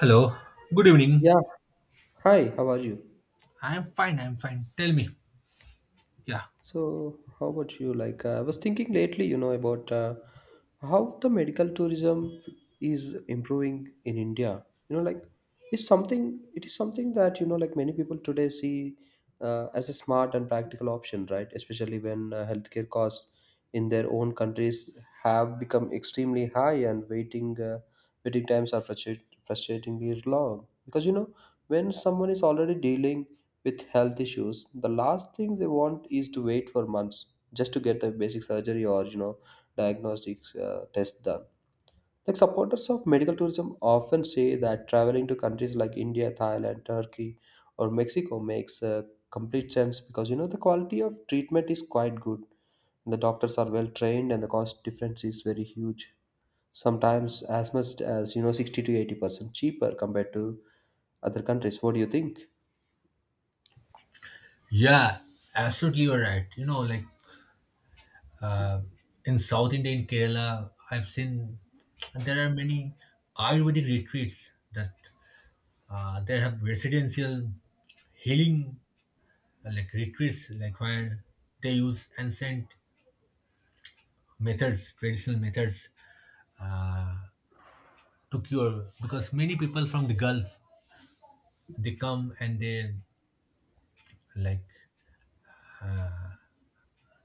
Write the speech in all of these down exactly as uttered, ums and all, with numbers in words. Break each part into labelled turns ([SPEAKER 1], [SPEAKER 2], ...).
[SPEAKER 1] Hello. Good
[SPEAKER 2] Yeah.
[SPEAKER 1] evening.
[SPEAKER 2] Hi, how are you?
[SPEAKER 1] I'm fine. I'm fine. Tell me. Yeah.
[SPEAKER 2] So, how about you? Like, uh, I was thinking lately, you know, about uh, how the medical tourism is improving in India. You know, like, it's something, it is something that, you know, like many people today see uh, as a smart and practical option, right? Especially when uh, healthcare costs in their own countries have become extremely high and waiting uh, waiting times are frustrat- frustratingly long. Because, you know, when someone is already dealing with health issues, the last thing they want is to wait for months just to get the basic surgery or you know diagnostics uh, test done. Like supporters of medical tourism often say that traveling to countries like India, Thailand, Turkey, or Mexico makes uh, complete sense because you know the quality of treatment is quite good. The doctors are well trained and the cost difference is very huge. Sometimes as much as you know sixty to eighty percent cheaper compared to other countries. What do you think?
[SPEAKER 1] Yeah. Absolutely, you're right. You know, like uh, in South India, in Kerala, I've seen there are many Ayurvedic retreats that uh, there have residential healing, uh, like retreats, like where they use ancient methods, traditional methods, uh, to cure. Because many people from the Gulf they come and they like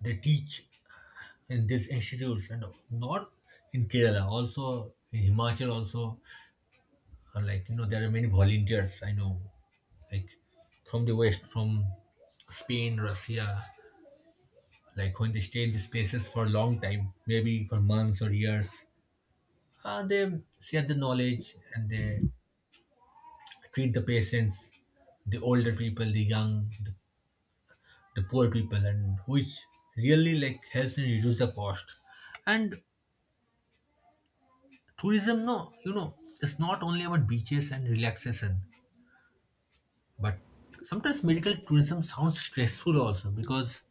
[SPEAKER 1] they teach in these institutes and not in Kerala, also in Himachal also, uh, like you know there are many volunteers I know like from the west, from Spain, Russia, like when they stay in these places for a long time, maybe for months or years, uh, they share the knowledge and they treat the patients, the older people, the young, the, the poor people, and which really like helps in reduce the cost. And tourism no, you know, it's not only about beaches and relaxation, but sometimes medical tourism sounds stressful also because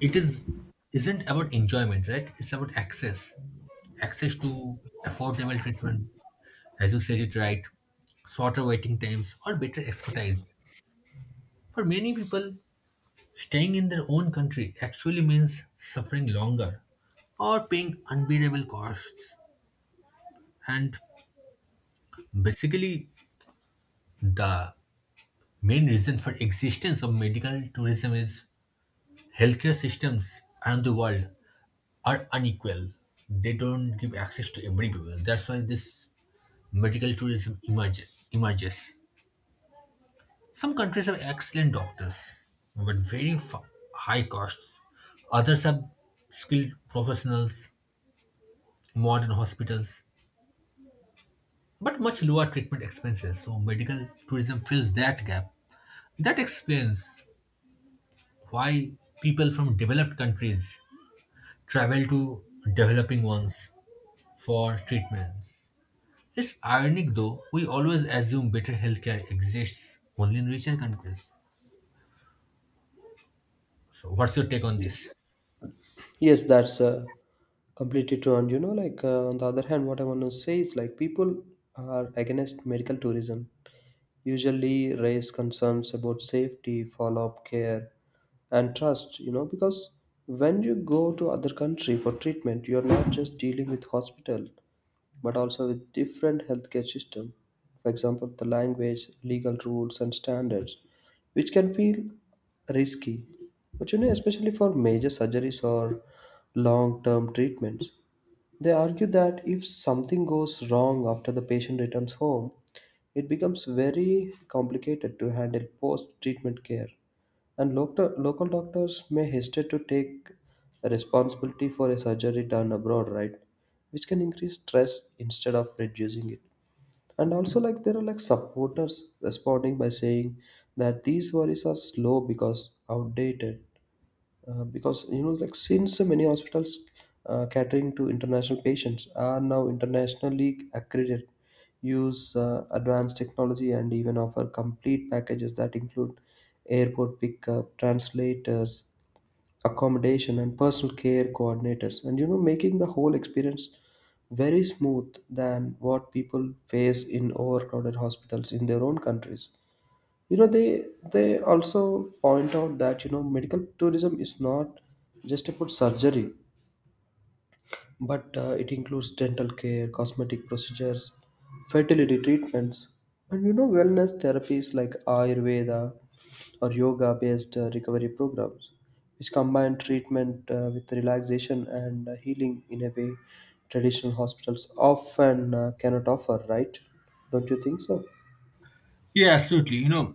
[SPEAKER 1] it is isn't about enjoyment, right? It's about access access to affordable treatment, as you said it right. Shorter waiting times or better expertise, for many people staying in their own country actually means suffering longer or paying unbearable costs. And basically, the main reason for existence of medical tourism is healthcare systems around the world are unequal. They don't give access to every people. That's why this medical tourism emerge, emerges. Some countries have excellent doctors, but very fa- high costs. Others have skilled professionals, modern hospitals, but much lower treatment expenses. So medical tourism fills that gap. That explains why people from developed countries travel to developing ones for treatments. It's ironic though, we always assume better healthcare exists only in richer countries. So, what's your take on this?
[SPEAKER 2] Yes. Yes, that's uh, completely true. And you know, like uh, on the other hand, what I want to say is like people are against medical tourism. Usually, raise concerns about safety, follow-up care, and trust. You know, because when you go to other country for treatment, you are not just dealing with hospital but also with different healthcare system, for example the language, legal rules and standards, which can feel risky. But you know, especially for major surgeries or long term treatments, they argue that if something goes wrong after the patient returns home, it becomes very complicated to handle post treatment care, and local, local doctors may hesitate to take responsibility for a surgery done abroad, right? Which can increase stress instead of reducing it. And also, like, there are like supporters responding by saying that these worries are slow because outdated, uh, because you know like since so many hospitals uh, catering to international patients are now internationally accredited, use uh, advanced technology, and even offer complete packages that include airport pickup, translators, accommodation, and personal care coordinators, and you know making the whole experience very smooth than what people face in overcrowded hospitals in their own countries. You know, they they also point out that you know medical tourism is not just about surgery, but uh, it includes dental care, cosmetic procedures, fertility treatments, and you know wellness therapies like ayurveda or yoga based uh, recovery programs, which combine treatment uh, with relaxation and uh, healing in a way traditional hospitals often uh, cannot offer, right? Don't you think so?
[SPEAKER 1] Yeah, absolutely. You know,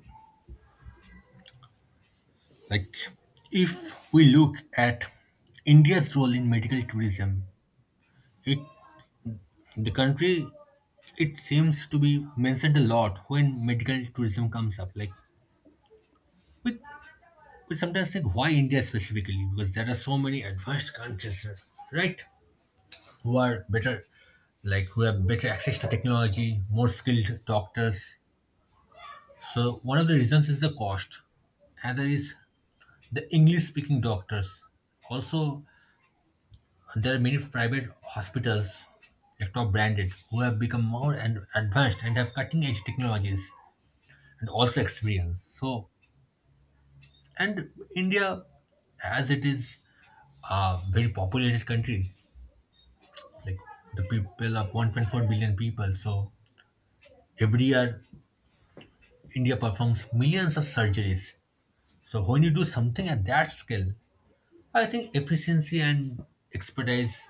[SPEAKER 1] like if we look at India's role in medical tourism, it the country, it seems to be mentioned a lot when medical tourism comes up. Like we, we sometimes think why India specifically, because there are so many advanced countries, right? Who are better, like who have better access to technology, more skilled doctors. So one of the reasons is the cost. Another is the English-speaking doctors. Also, there are many private hospitals, like top branded, who have become more and advanced and have cutting-edge technologies and also experience. So, and India, as it is a very populated country, like the people of one point four billion people, so every year India performs millions of surgeries. So when you do something at that scale, I think efficiency and expertise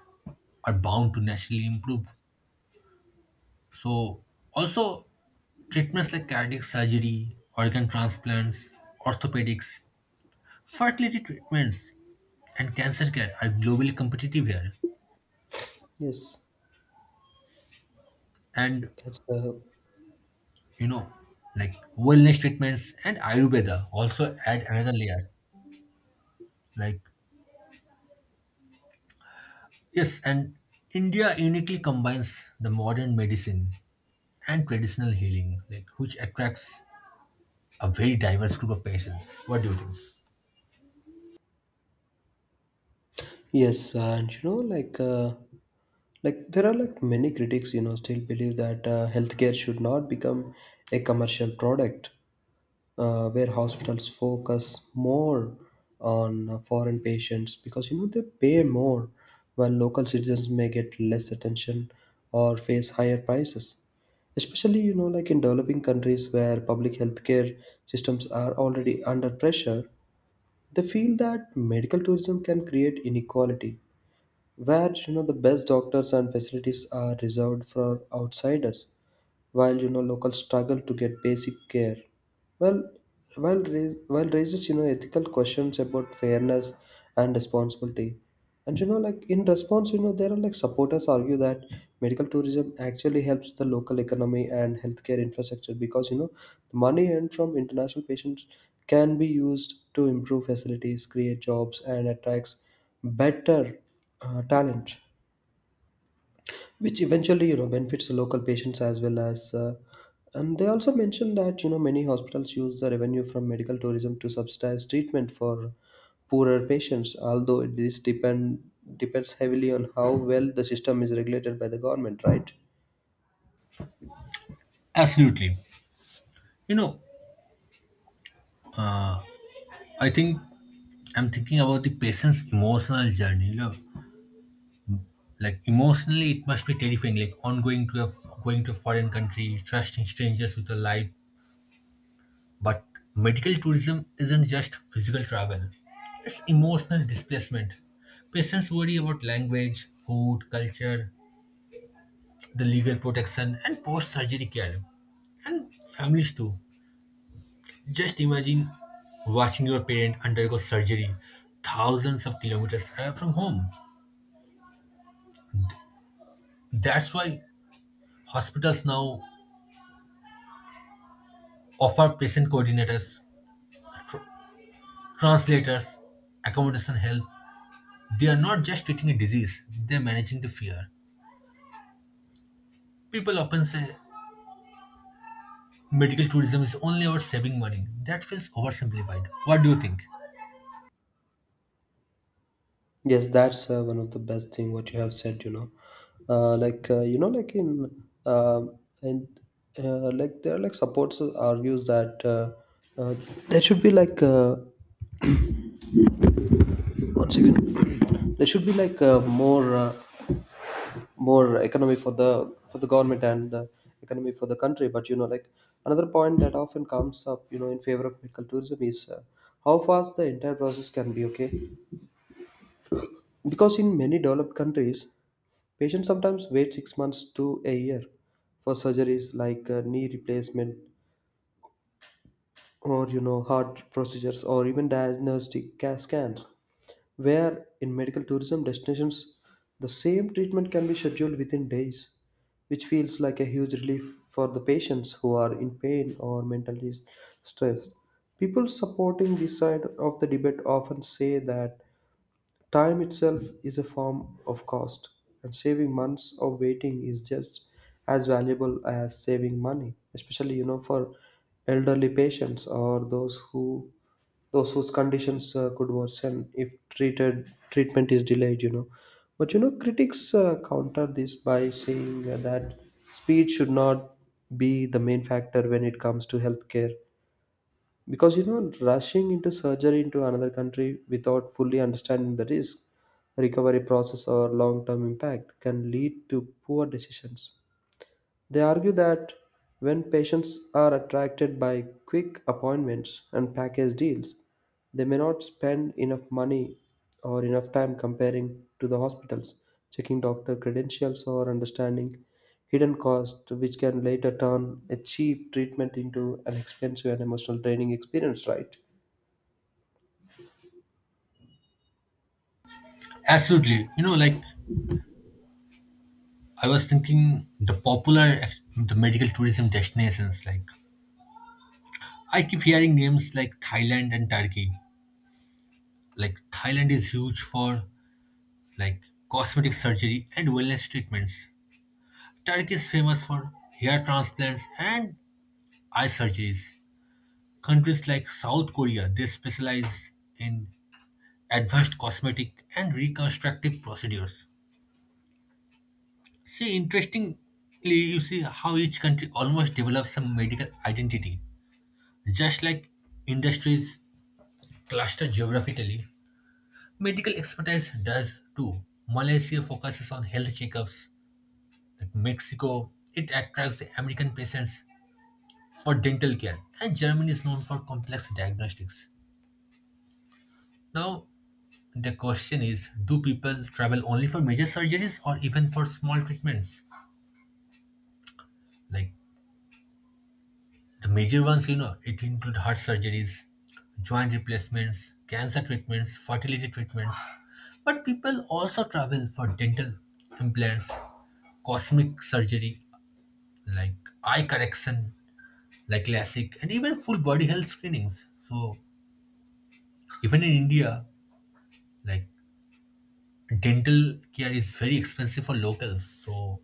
[SPEAKER 1] are bound to naturally improve. So also, treatments like cardiac surgery, organ transplants, orthopedics, fertility treatments, and cancer care are globally competitive here.
[SPEAKER 2] Yes
[SPEAKER 1] And
[SPEAKER 2] that's the
[SPEAKER 1] you know, like wellness treatments and Ayurveda also add another layer. Like yes, and India uniquely combines the modern medicine and traditional healing, like which attracts a very diverse group of patients. What do you think?
[SPEAKER 2] Yes, and you know, like, uh, like there are like many critics, you know, still believe that uh, healthcare should not become a commercial product, uh, where hospitals focus more on uh, foreign patients because you know they pay more, while local citizens may get less attention or face higher prices. Especially, you know, like in developing countries where public healthcare systems are already under pressure, they feel that medical tourism can create inequality, where you know the best doctors and facilities are reserved for outsiders while you know locals struggle to get basic care. Well, while, rais- while raises you know ethical questions about fairness and responsibility. And you know like in response you know there are like supporters argue that medical tourism actually helps the local economy and healthcare infrastructure because you know the money earned from international patients can be used to improve facilities, create jobs, and attracts better uh, talent, which eventually you know benefits the local patients as well as uh, And they also mentioned that you know many hospitals use the revenue from medical tourism to subsidize treatment for poorer patients, although this depend depends heavily on how well the system is regulated by the government, right?
[SPEAKER 1] Absolutely. You know, uh, I think I'm thinking about the patient's emotional journey. You know, like emotionally, it must be terrifying. Like ongoing to a going to a foreign country, trusting strangers with a life. But medical tourism isn't just physical travel; it's emotional displacement. Patients worry about language, food, culture, the legal protection and post-surgery care, and families too. Just imagine watching your parent undergo surgery thousands of kilometers away from home. That's why hospitals now offer patient coordinators, tr- translators, accommodation help. They are not just treating a disease, they're managing the fear. People often say medical tourism is only about saving money. That feels oversimplified. What do you think?
[SPEAKER 2] Yes, that's uh, one of the best thing what you have said, you know. Uh, like uh, you know like in um and uh, like there are like supports argues that uh, uh, there should be like uh, One second. There should be like uh, more uh, more economy for the for the government and uh, economy for the country. But you know, like another point that often comes up, you know, in favor of medical tourism is uh, how fast the entire process can be. Okay, because in many developed countries, patients sometimes wait six months to a year for surgeries like uh, knee replacement, or you know heart procedures, or even diagnostic ca- scans. Where in medical tourism destinations, the same treatment can be scheduled within days, which feels like a huge relief for the patients who are in pain or mentally stressed. People supporting this side of the debate often say that time itself is a form of cost, and saving months of waiting is just as valuable as saving money, especially you know for elderly patients, or those who those whose conditions uh, could worsen if treated treatment is delayed, you know. But you know critics uh, counter this by saying uh, that speed should not be the main factor when it comes to healthcare, because you know rushing into surgery into another country without fully understanding the risk, recovery process, or long term impact can lead to poor decisions. They argue that when patients are attracted by quick appointments and package deals, they may not spend enough money or enough time comparing to the hospitals, checking doctor credentials, or understanding hidden costs, which can later turn a cheap treatment into an expensive and emotional draining experience, right?
[SPEAKER 1] Absolutely. You know, like I was thinking the popular ex- the medical tourism destinations, like I keep hearing names like Thailand and Turkey. Like Thailand is huge for like cosmetic surgery and wellness treatments. Turkey is famous for hair transplants and eye surgeries. Countries like South Korea, they specialize in advanced cosmetic and reconstructive procedures. See, interestingly, you see how each country almost develops some medical identity. Just like industries cluster geographically, medical expertise does too. Malaysia focuses on health checkups, like Mexico, it attracts the American patients for dental care, and Germany is known for complex diagnostics. Now, the question is, do people travel only for major surgeries or even for small treatments, like the major ones? You know, it include heart surgeries, joint replacements, cancer treatments, fertility treatments. But people also travel for dental implants, cosmic surgery, like eye correction, like LASIK, and even full body health screenings. So even in India, like dental care is very expensive for locals. So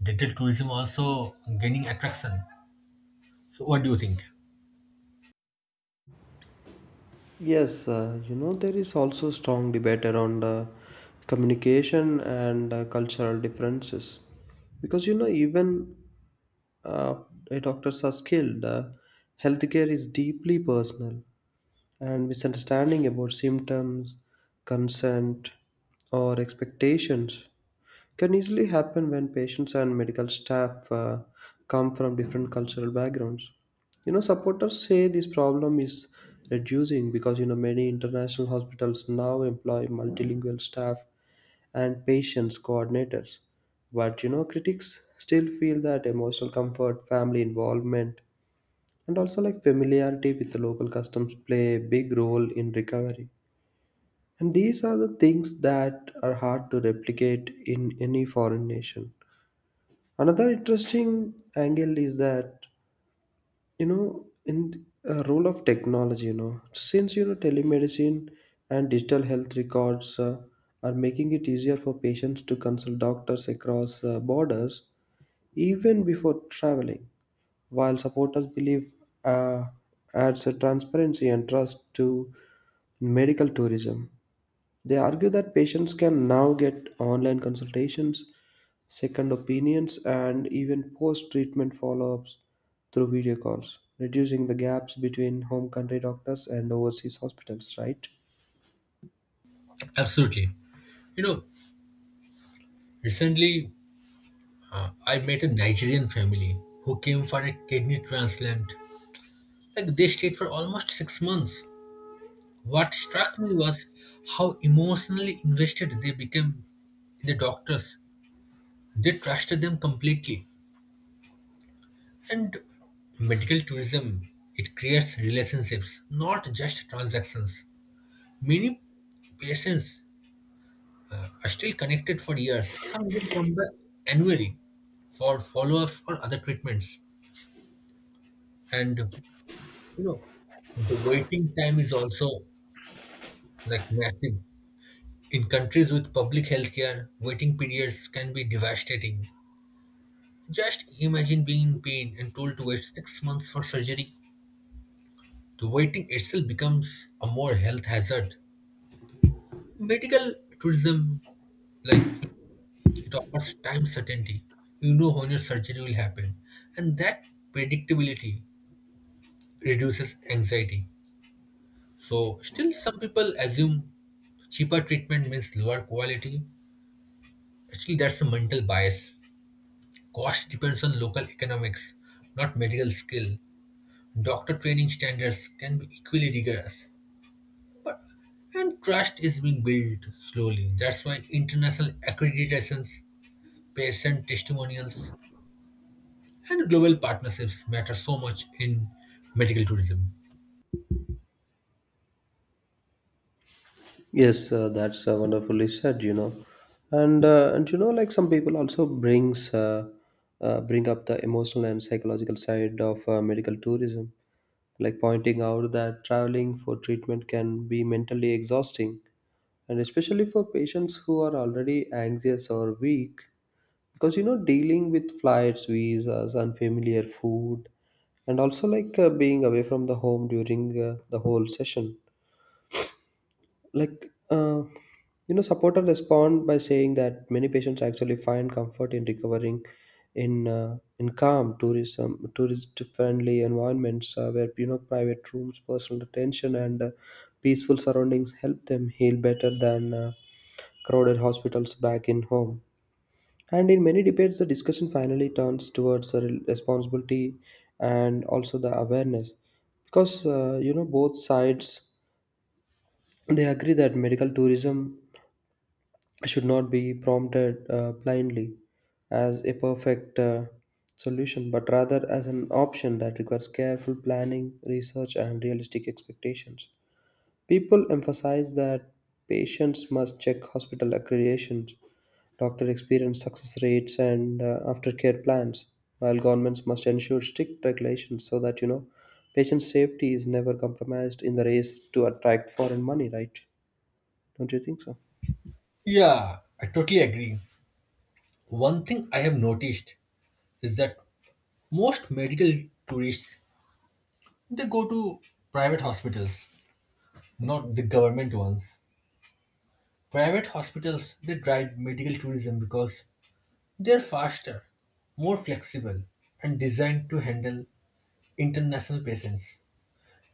[SPEAKER 1] dental tourism also gaining attraction. So what do you think?
[SPEAKER 2] Yes, uh, you know, there is also strong debate around uh, communication and uh, cultural differences. Because, you know, even uh, doctors are skilled. Uh, healthcare is deeply personal, and misunderstanding about symptoms, consent, or expectations can easily happen when patients and medical staff uh, come from different cultural backgrounds. You know, supporters say this problem is reducing because you know many international hospitals now employ multilingual staff and patients coordinators. But you know, critics still feel that emotional comfort, family involvement, and also like familiarity with the local customs play a big role in recovery, and these are the things that are hard to replicate in any foreign nation. Another interesting angle is that you know in a role of technology, you know, since you know telemedicine and digital health records uh, are making it easier for patients to consult doctors across uh, borders even before traveling, while supporters believe uh, adds a transparency and trust to medical tourism. They argue that patients can now get online consultations, second opinions, and even post treatment follow ups through video calls, reducing the gaps between home country doctors and overseas hospitals, right?
[SPEAKER 1] Absolutely. You know, recently, Uh, I met a Nigerian family who came for a kidney transplant. Like they stayed for almost six months. What struck me was how emotionally invested they became in the doctors. They trusted them completely. And medical tourism, it creates relationships, not just transactions. Many patients are still connected for years. Some even come back annually for follow-ups or other treatments. And you know, the waiting time is also like massive. In countries with public healthcare, waiting periods can be devastating. Just imagine being in pain and told to wait six months for surgery. The waiting itself becomes a more health hazard. Medical tourism, like, it offers time certainty. You know when your surgery will happen, and that predictability reduces anxiety. So still some people assume cheaper treatment means lower quality. Actually, that's a mental bias. Cost depends on local economics, not medical skill. Doctor training standards can be equally rigorous. But and trust is being built slowly. That's why international accreditations, patient testimonials, and global partnerships matter so much in medical tourism.
[SPEAKER 2] Yes, uh, that's uh, wonderfully said, you know. And uh, and you know, like some people also brings uh, uh, bring up the emotional and psychological side of uh, medical tourism, like pointing out that traveling for treatment can be mentally exhausting, and especially for patients who are already anxious or weak, because you know, dealing with flights, visas, unfamiliar food, and also like uh, being away from the home during uh, the whole session, like uh, you know supporters respond by saying that many patients actually find comfort in recovering in uh, in calm tourism tourist friendly environments, uh, where you know private rooms, personal attention, and uh, peaceful surroundings help them heal better than uh, crowded hospitals back in home. And in many debates the discussion finally turns towards the re- responsibility and also the awareness, because uh, you know both sides, they agree that medical tourism should not be prompted uh, blindly as a perfect uh, solution, but rather as an option that requires careful planning, research, and realistic expectations. People emphasize that patients must check hospital accreditations, doctor experience, success rates, and uh, aftercare plans, while governments must ensure strict regulations so that you know patient safety is never compromised in the race to attract foreign money. Right? Don't you think so?
[SPEAKER 1] Yeah, I totally agree. One thing I have noticed is that most medical tourists, they go to private hospitals, not the government ones. Private hospitals, they drive medical tourism because they're faster, more flexible, and designed to handle international patients.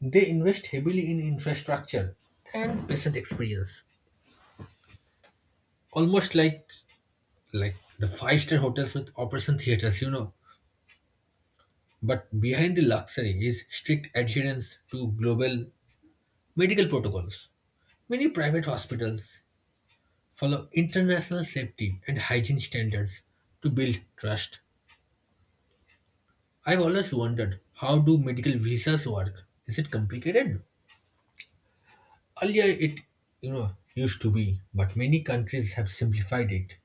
[SPEAKER 1] They invest heavily in infrastructure and patient experience, almost like like the five-star hotels with operation theaters, you know. But behind the luxury is strict adherence to global medical protocols. Many private hospitals follow international safety and hygiene standards to build trust. I've always wondered, how do medical visas work? Is it complicated? Earlier it, you know, used to be, but many countries have simplified it.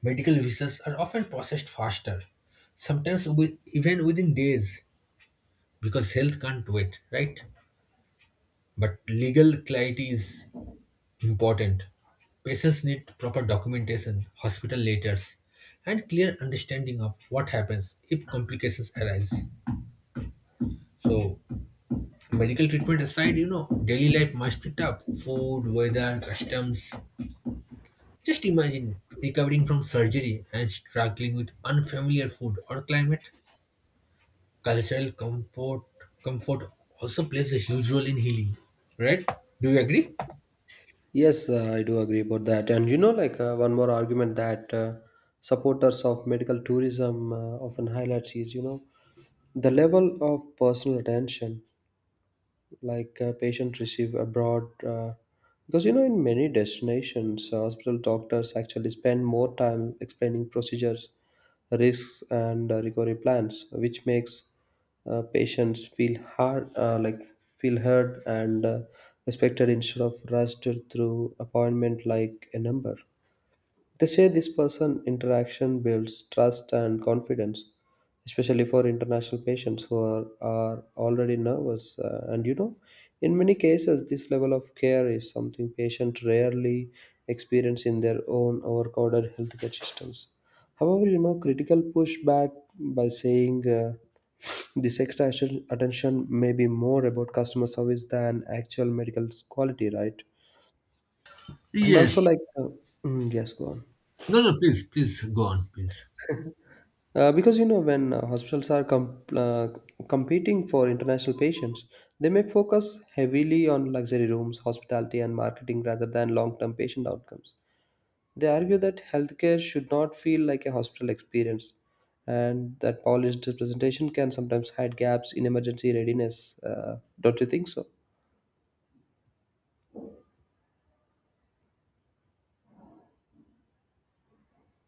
[SPEAKER 1] Medical visas are often processed faster, sometimes with, even within days, because health can't wait, right? But legal clarity is important. Patients need proper documentation, hospital letters, and clear understanding of what happens if complications arise. So, medical treatment aside, you know, daily life must be tough. Food, weather, customs. Just imagine recovering from surgery and struggling with unfamiliar food or climate. Cultural comfort, comfort also plays a huge role in healing, right? Do you agree?
[SPEAKER 2] Yes, uh, I do agree about that. And you know, like uh, one more argument that uh, supporters of medical tourism uh, often highlights is, you know, the level of personal attention like a patient receive abroad, uh, because you know in many destinations uh, hospital doctors actually spend more time explaining procedures, risks, and uh, recovery plans, which makes uh, patients feel hard uh, like feel heard and uh, respected instead of rushed through appointment like a number. They say this person interaction builds trust and confidence, especially for international patients who are, are already nervous. Uh, and you know, in many cases, this level of care is something patients rarely experience in their own overcrowded healthcare systems. However, you know, critical pushback by saying uh, this extra atten- attention may be more about customer service than actual medical quality, right? And also,
[SPEAKER 1] Yes.
[SPEAKER 2] like, uh, mm, yes, go on.
[SPEAKER 1] No, no, please, please go on, please.
[SPEAKER 2] Uh, because you know, when uh, hospitals are com- uh, competing for international patients, they may focus heavily on luxury rooms, hospitality, and marketing rather than long term patient outcomes. They argue that healthcare should not feel like a hospital experience, and that polished presentation can sometimes hide gaps in emergency readiness. Uh, don't you think so?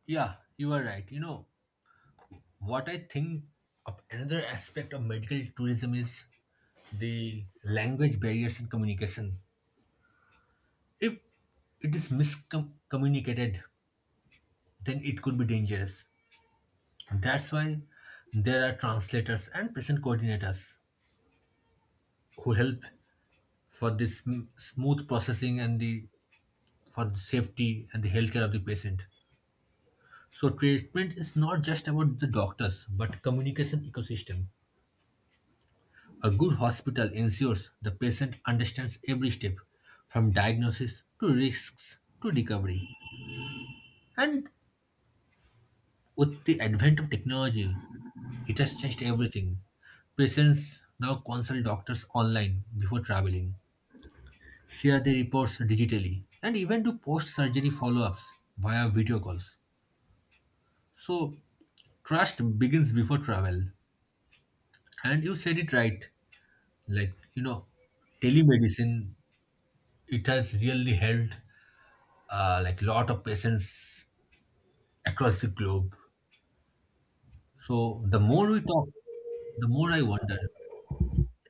[SPEAKER 1] Yeah, you are right. You know, what I think of another aspect of medical tourism is the language barriers in communication. If it is miscommunicated, then it could be dangerous. That's why there are translators and patient coordinators who help for this sm- smooth processing, and the for the safety and the healthcare of the patient. So treatment is not just about the doctors, but communication ecosystem. A good hospital ensures the patient understands every step, from diagnosis to risks to recovery. And with the advent of technology, it has changed everything. Patients now consult doctors online before traveling, share their reports digitally, and even do post surgery follow ups via video calls. So, trust begins before travel. And you said it right. Like, you know, telemedicine, it has really helped, uh, like lot of patients across the globe. So the more we talk, the more I wonder,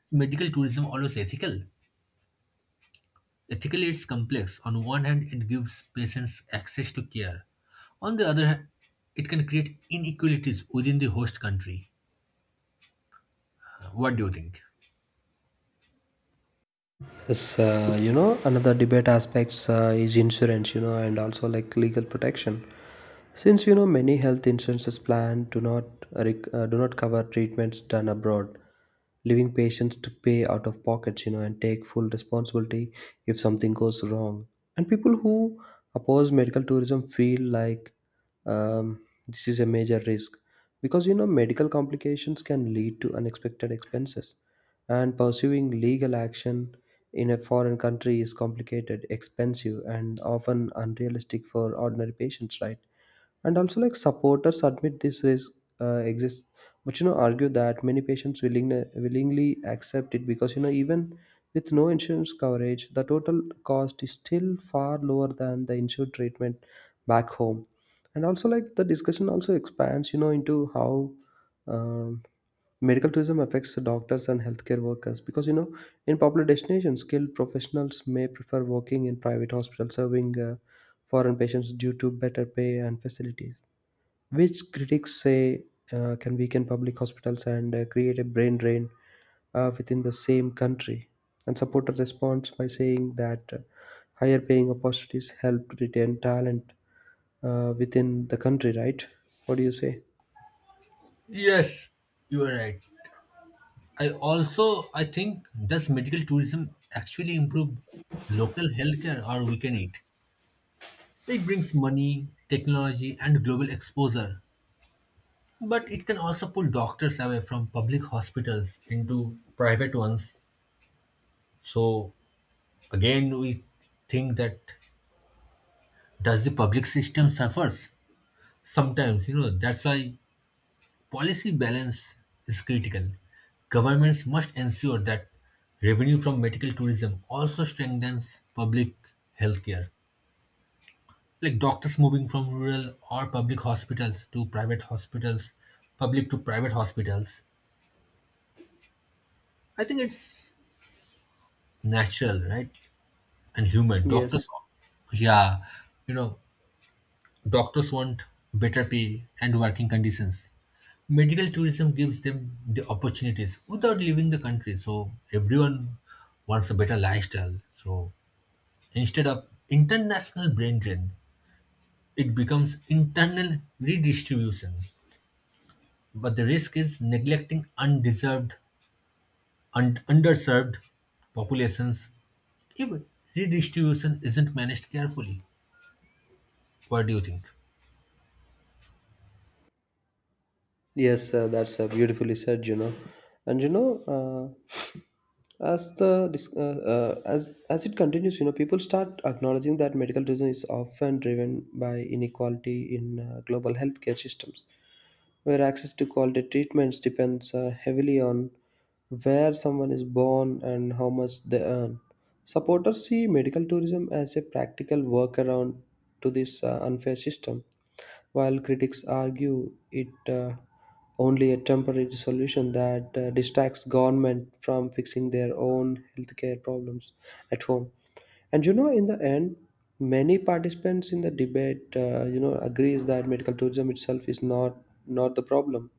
[SPEAKER 1] is medical tourism always ethical? Ethically, it's complex. On one hand, it gives patients access to care. On the other hand, it can create inequalities within the host country. Uh, what do you think?
[SPEAKER 2] Yes, uh, you know, another debate aspects uh, is insurance, you know, and also like legal protection. Since you know many health insurance plans do not uh, rec- uh, do not cover treatments done abroad, leaving patients to pay out of pockets, you know, and take full responsibility if something goes wrong. And people who oppose medical tourism feel like um, this is a major risk because you know medical complications can lead to unexpected expenses, and pursuing legal action in a foreign country is complicated, expensive, and often unrealistic for ordinary patients, right? And also like supporters admit this risk uh, exists, but you know argue that many patients willingly willingly accept it because you know even with no insurance coverage the total cost is still far lower than the insured treatment back home. And also like the discussion also expands you know into how um, medical tourism affects the doctors and healthcare workers because you know in popular destinations skilled professionals may prefer working in private hospitals serving uh, foreign patients due to better pay and facilities, which critics say uh, can weaken public hospitals and uh, create a brain drain uh, within the same country. And supporters responds by saying that uh, higher paying opportunities help retain talent uh, within the country, right? What do you say?
[SPEAKER 1] Yes, you are right. I also I think, does medical tourism actually improve local healthcare or weaken it? It brings money, technology, and global exposure. But it can also pull doctors away from public hospitals into private ones. So again, we think that does the public system suffers? Sometimes, you know, that's why policy balance is critical. Governments must ensure that revenue from medical tourism also strengthens public healthcare. Like doctors moving from rural or public hospitals to private hospitals, public to private hospitals. I think it's natural, right? And human.
[SPEAKER 2] Yes,
[SPEAKER 1] Doctors, yeah, you know, doctors want better pay and working conditions. Medical tourism gives them the opportunities without leaving the country. So everyone wants a better lifestyle. So instead of international brain drain, it becomes internal redistribution. But the risk is neglecting undeserved and underserved populations if redistribution isn't managed carefully. What do you think?
[SPEAKER 2] yes, uh, that's uh, beautifully said, you know. And you know, uh, as the dis- uh, uh, as as it continues, you know, people start acknowledging that medical tourism is often driven by inequality in uh, global healthcare systems, where access to quality treatments depends uh, heavily on where someone is born and how much they earn. Supporters see medical tourism as a practical workaround to this uh, unfair system, while critics argue it uh, only a temporary solution that uh, distracts government from fixing their own healthcare problems at home. And you know, in the end, many participants in the debate, uh, you know, agrees that medical tourism itself is not not the problem,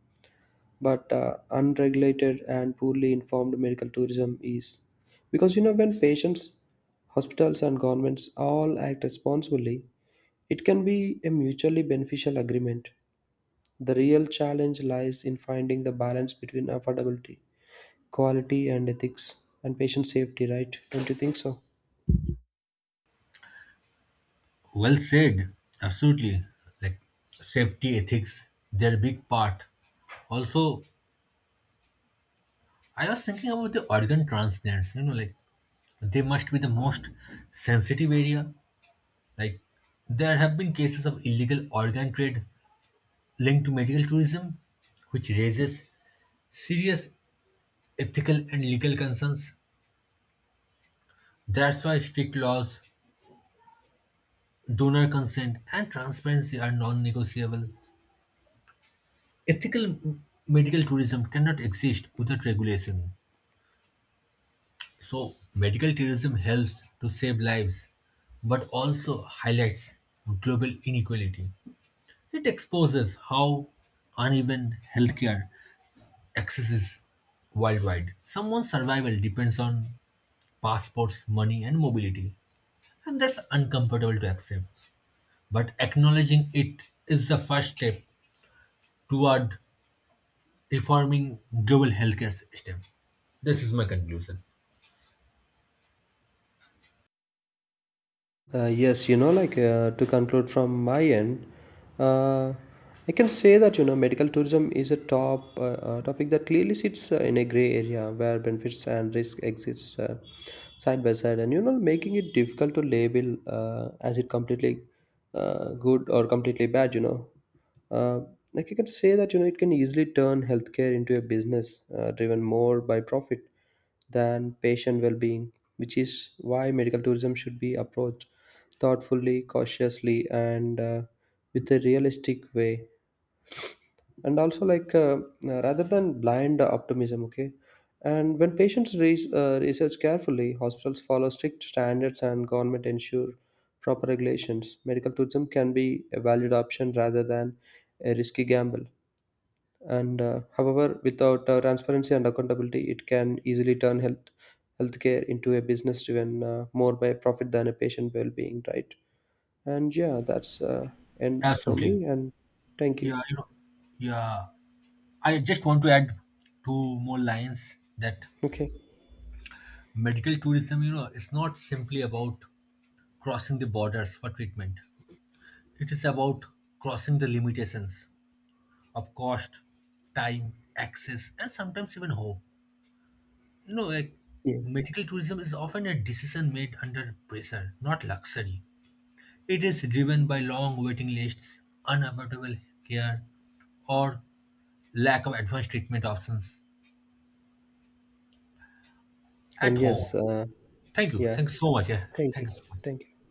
[SPEAKER 2] but uh, unregulated and poorly informed medical tourism is, because you know when patients, hospitals, and governments all act responsibly, it can be a mutually beneficial agreement. The real challenge lies in finding the balance between affordability, quality, and ethics, and patient safety. Right? Don't you think so?
[SPEAKER 1] Well said. Absolutely. Like safety ethics, they're a big part. Also, I was thinking about the organ transplants, you know, like they must be the most sensitive area. Like there have been cases of illegal organ trade linked to medical tourism, which raises serious ethical and legal concerns. That's why strict laws, donor consent, and transparency are non negotiable. Ethical m- medical tourism cannot exist without regulation. So, medical tourism helps to save lives, but also highlights global inequality. It exposes how uneven healthcare access is worldwide. Someone's survival depends on passports, money, and mobility, and that's uncomfortable to accept. But acknowledging it is the first step toward reforming global healthcare system. This is my conclusion.
[SPEAKER 2] Uh, yes, you know, like uh, to conclude from my end, uh, I can say that you know medical tourism is a top uh, uh, topic that clearly sits uh, in a gray area where benefits and risk exists uh, side by side, and you know making it difficult to label uh, as it completely uh, good or completely bad. You know, uh, like you can say that you know it can easily turn healthcare into a business uh, driven more by profit than patient well-being, which is why medical tourism should be approached thoughtfully, cautiously, and uh, with a realistic way, and also like uh, uh, rather than blind optimism. Okay. And when patients re- uh, research carefully, hospitals follow strict standards, and government ensure proper regulations, medical tourism can be a valued option rather than a risky gamble. And uh, however, without uh, transparency and accountability it can easily turn health healthcare into a business driven uh, more by profit than a patient well-being, right? And yeah, that's uh, end for
[SPEAKER 1] Absolutely.
[SPEAKER 2] me. And thank you.
[SPEAKER 1] Yeah, you know, yeah. I just want to add two more lines, that
[SPEAKER 2] Okay.
[SPEAKER 1] medical tourism, you know, is not simply about crossing the borders for treatment. It is about crossing the limitations of cost, time, access, and sometimes even hope. You know, like
[SPEAKER 2] Yeah.
[SPEAKER 1] medical tourism is often a decision made under pressure, not luxury. It is driven by long waiting lists, unavoidable care, or lack of advanced treatment options at
[SPEAKER 2] And yes,
[SPEAKER 1] home.
[SPEAKER 2] uh,
[SPEAKER 1] Thank you.
[SPEAKER 2] yeah.
[SPEAKER 1] Thanks so much. Yeah.
[SPEAKER 2] Thank
[SPEAKER 1] Thank
[SPEAKER 2] you.
[SPEAKER 1] you so much.
[SPEAKER 2] Thank you.